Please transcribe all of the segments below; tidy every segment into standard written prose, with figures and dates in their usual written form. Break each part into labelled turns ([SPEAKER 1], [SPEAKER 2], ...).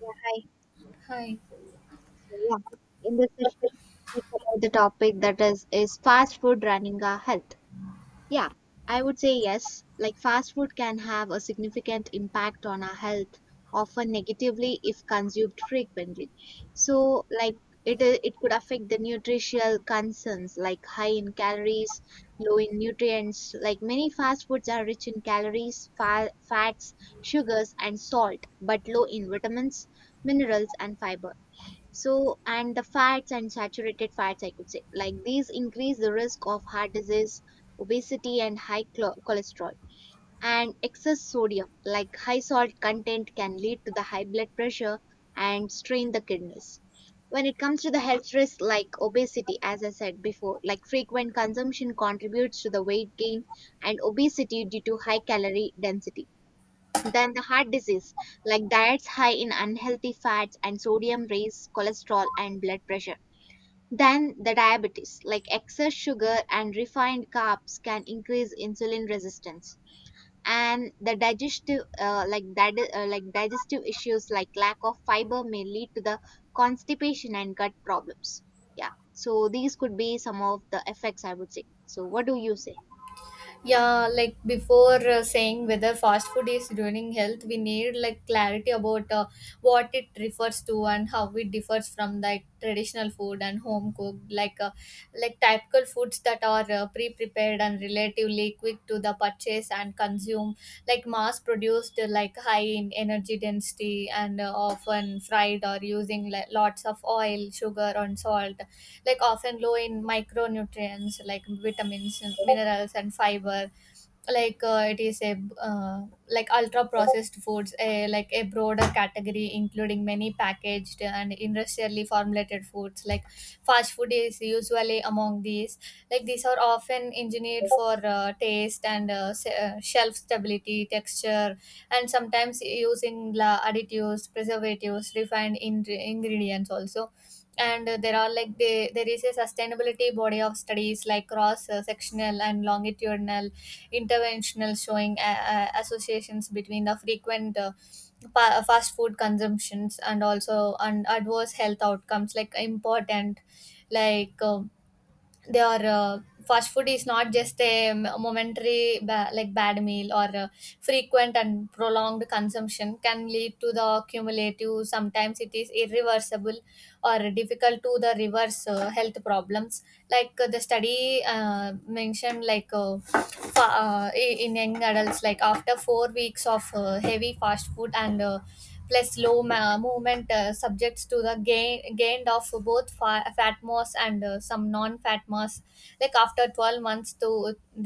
[SPEAKER 1] Yeah, hi.
[SPEAKER 2] Hi.
[SPEAKER 1] So yeah, in this session we speak about the topic that is fast food running our health. Yeah, I would say yes. Like fast food can have a significant impact on our health, often negatively if consumed frequently. So like it could affect the nutritional concerns like high in calories, low in nutrients. Like many fast foods are rich in calories, fats, sugars, and salt, but low in vitamins, minerals, and fiber so, and the fats and saturated fats, I could say, like these increase the risk of heart disease, obesity, and high cholesterol. And excess sodium, like high salt content, can lead to the high blood pressure and strain the kidneys. When it comes to the health risks like obesity, as I said before, like frequent consumption contributes to the weight gain and obesity due to high calorie density, then the heart disease, like diets high in unhealthy fats and sodium raise cholesterol and blood pressure. Then the diabetes, like excess sugar and refined carbs can increase insulin resistance. And the digestive issues like lack of fiber may lead to the constipation and gut problems. Yeah. So these could be some of the effects I would say. So what do you say?
[SPEAKER 2] Yeah, like before saying whether fast food is ruining health, we need like clarity about what it refers to and how it differs from like traditional food and home cooked, like like typical foods that are pre-prepared and relatively quick to the purchase and consume, like mass-produced, like high in energy density and often fried or using like, lots of oil, sugar, and salt, like often low in micronutrients like vitamins and minerals and fiber. Like it is a like ultra processed foods, a like a broader category including many packaged and industrially formulated foods. Like fast food is usually among these. Like these are often engineered for taste and shelf stability texture, and sometimes using additives, preservatives, refined ingredients also. And there are like they, there is a sustainability body of studies, like cross sectional and longitudinal interventional, showing associations between the frequent fast food consumptions, and also and adverse health outcomes, like important. Like their fast food is not just a momentary like bad meal, or frequent and prolonged consumption can lead to the cumulative, sometimes it is irreversible or difficult to the reverse health problems. Like the study mentioned, like in young adults like after 4 weeks of heavy fast food and plus low movement, subjects to the gained of both fat mass and some non-fat mass. Like after 12 months to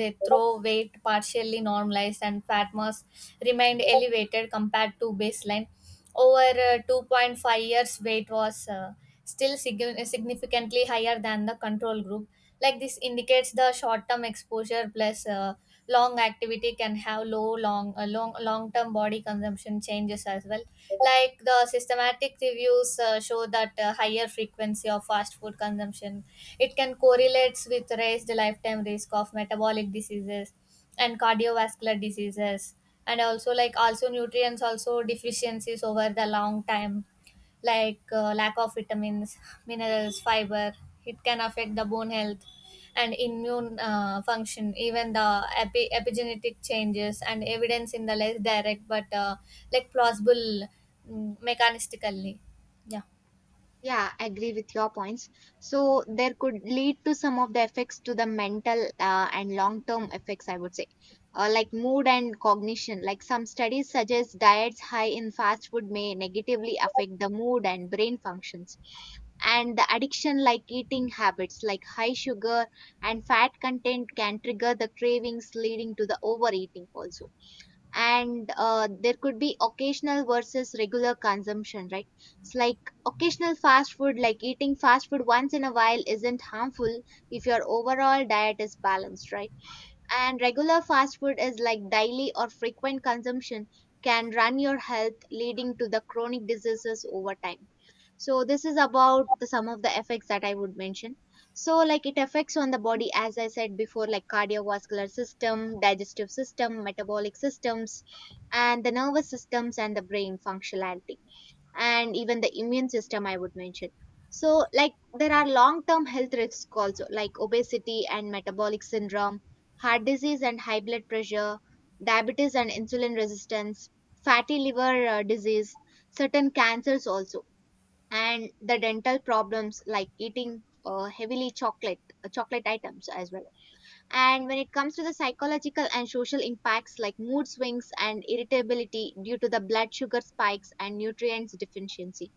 [SPEAKER 2] they throw weight partially normalized, and fat mass remained elevated compared to baseline. Over 2.5 years, weight was still significantly higher than the control group. Like this indicates the short term exposure plus long activity can have low long term body consumption changes as well. Like the systematic reviews show that higher frequency of fast food consumption, it can correlates with raised lifetime risk of metabolic diseases and cardiovascular diseases, and also like also nutrients also deficiencies over the long time. Like lack of vitamins, minerals, fiber, it can affect the bone health and immune function, even the epigenetic changes and evidence in the less direct but like plausible mechanistically. Yeah.
[SPEAKER 1] Yeah, agree with your points. So there could lead to some of the effects to the mental and long-term effects, I would say, like mood and cognition. Like some studies suggest diets high in fast food may negatively affect the mood and brain functions. And the addiction, like eating habits, like high sugar and fat content, can trigger the cravings, leading to the overeating also, and there could be occasional versus regular consumption, right? It's like occasional fast food, like eating fast food once in a while isn't harmful if your overall diet is balanced, right? And regular fast food is like daily or frequent consumption can run your health, leading to the chronic diseases over time. So this is about the some of the effects that I would mention. So like it affects on the body, as I said before, like cardiovascular system, digestive system, metabolic systems, and the nervous systems and the brain functionality, and even the immune system I would mention. So like there are long term health risks also like obesity and metabolic syndrome, heart disease and high blood pressure, diabetes and insulin resistance, fatty liver disease, certain cancers also, and the dental problems like eating heavily chocolate items as well. And when it comes to the psychological and social impacts like mood swings and irritability due to the blood sugar spikes and nutrients deficiency,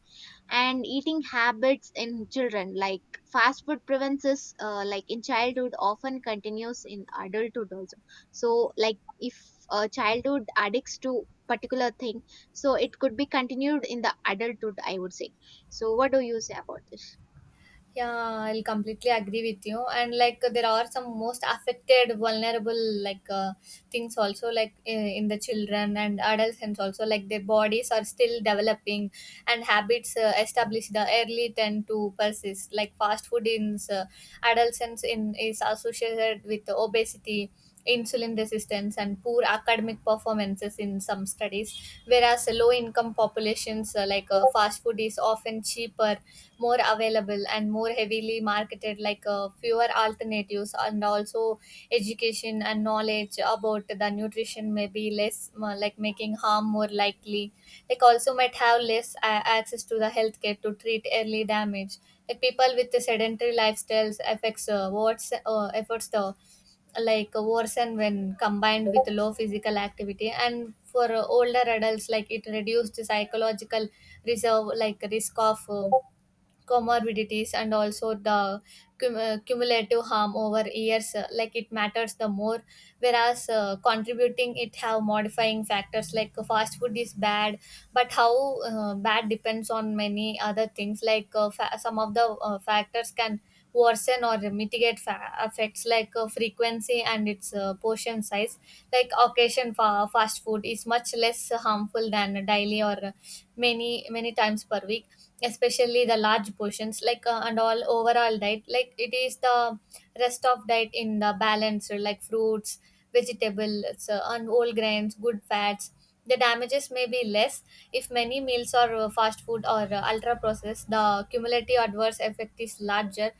[SPEAKER 1] and eating habits in children, like fast food prevents us like in childhood often continues in adulthood also. So like if a childhood addicts to particular thing, so it could be continued in the adulthood I would say. So what do you say about this?
[SPEAKER 2] Yeah, I'll completely agree with you. And like there are some most affected, vulnerable, like things also, like in the children and adolescents also, like their bodies are still developing, and habits established the early tend to persist. Like fast food in adolescents in is associated with obesity, insulin resistance, and poor academic performances in some studies, whereas low income populations like fast food is often cheaper, more available, and more heavily marketed, like fewer alternatives, and also education and knowledge about the nutrition may be less, like making harm more likely. Like also might have less access to the healthcare to treat early damage. Like people with the sedentary lifestyles affects what's efforts the, like worsen when combined with low physical activity. And for older adults, like it reduced psychological reserve, like risk of comorbidities and also the cumulative harm over years, like it matters the more, whereas contributing it have modifying factors, like fast food is bad, but how bad depends on many other things. Like some of the factors can worsen or mitigate effects, like frequency and its portion size. Like occasion fast food is much less harmful than daily or many times per week, especially the large portions. Like and all overall diet, like it is the rest of diet in the balance, or like fruits, vegetables, and whole grains, good fats, the damages may be less. If many meals are fast food or ultra processed, the cumulative adverse effect is larger.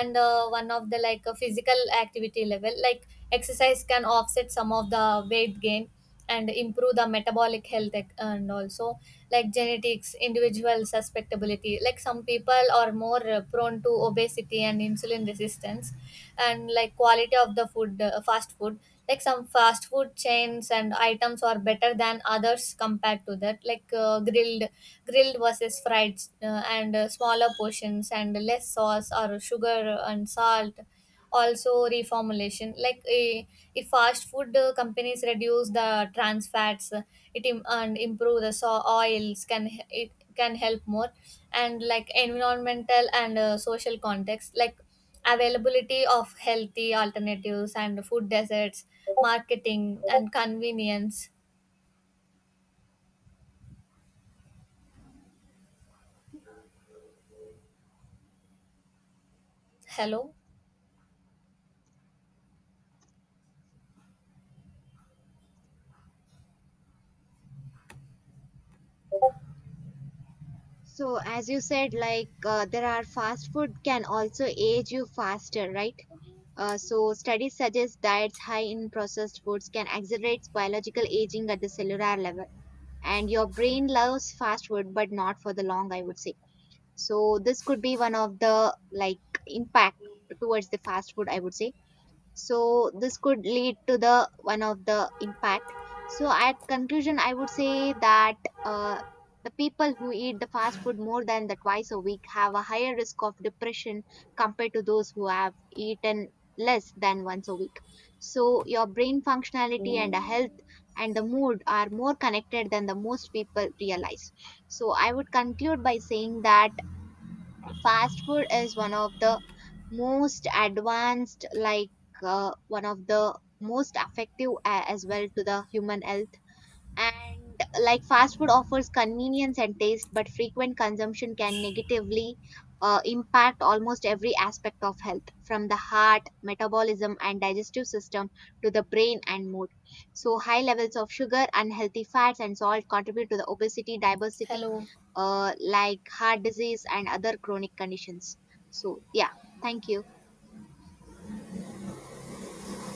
[SPEAKER 2] And one of the like physical activity level, like exercise can offset some of the weight gain and improve the metabolic health, and also, like genetics individual susceptibility, like some people are more prone to obesity and insulin resistance. And like quality of the food, fast food, like some fast food chains and items are better than others compared to that, like grilled versus fried, and smaller portions and less sauce or sugar and salt. Also reformulation, like a, if fast food companies reduce the trans fats, it and improve the so oils it can help more. And like environmental and social context, like availability of healthy alternatives and food deserts, marketing and convenience. Hello.
[SPEAKER 1] So as you said, like there are fast food can also age you faster, right? So studies suggest diets high in processed foods can accelerate biological aging at the cellular level, and your brain loves fast food but not for the long I would say. So this could be one of the like impact towards the fast food I would say. So this could lead to the one of the impact. So at conclusion I would say that, uh, the people who eat the fast food more than the twice a week have a higher risk of depression compared to those who have eaten less than once a week. So your brain functionality and the health and the mood are more connected than the most people realize. So I would conclude by saying that fast food is one of the most advanced, like, one of the most effective as well to the human health. And like fast food offers convenience and taste, but frequent consumption can negatively impact almost every aspect of health, from the heart, metabolism, and digestive system to the brain and mood. So, high levels of sugar, unhealthy fats, and salt contribute to the obesity, diversity,
[SPEAKER 2] Hello.
[SPEAKER 1] like heart disease and other chronic conditions. So, yeah, thank you.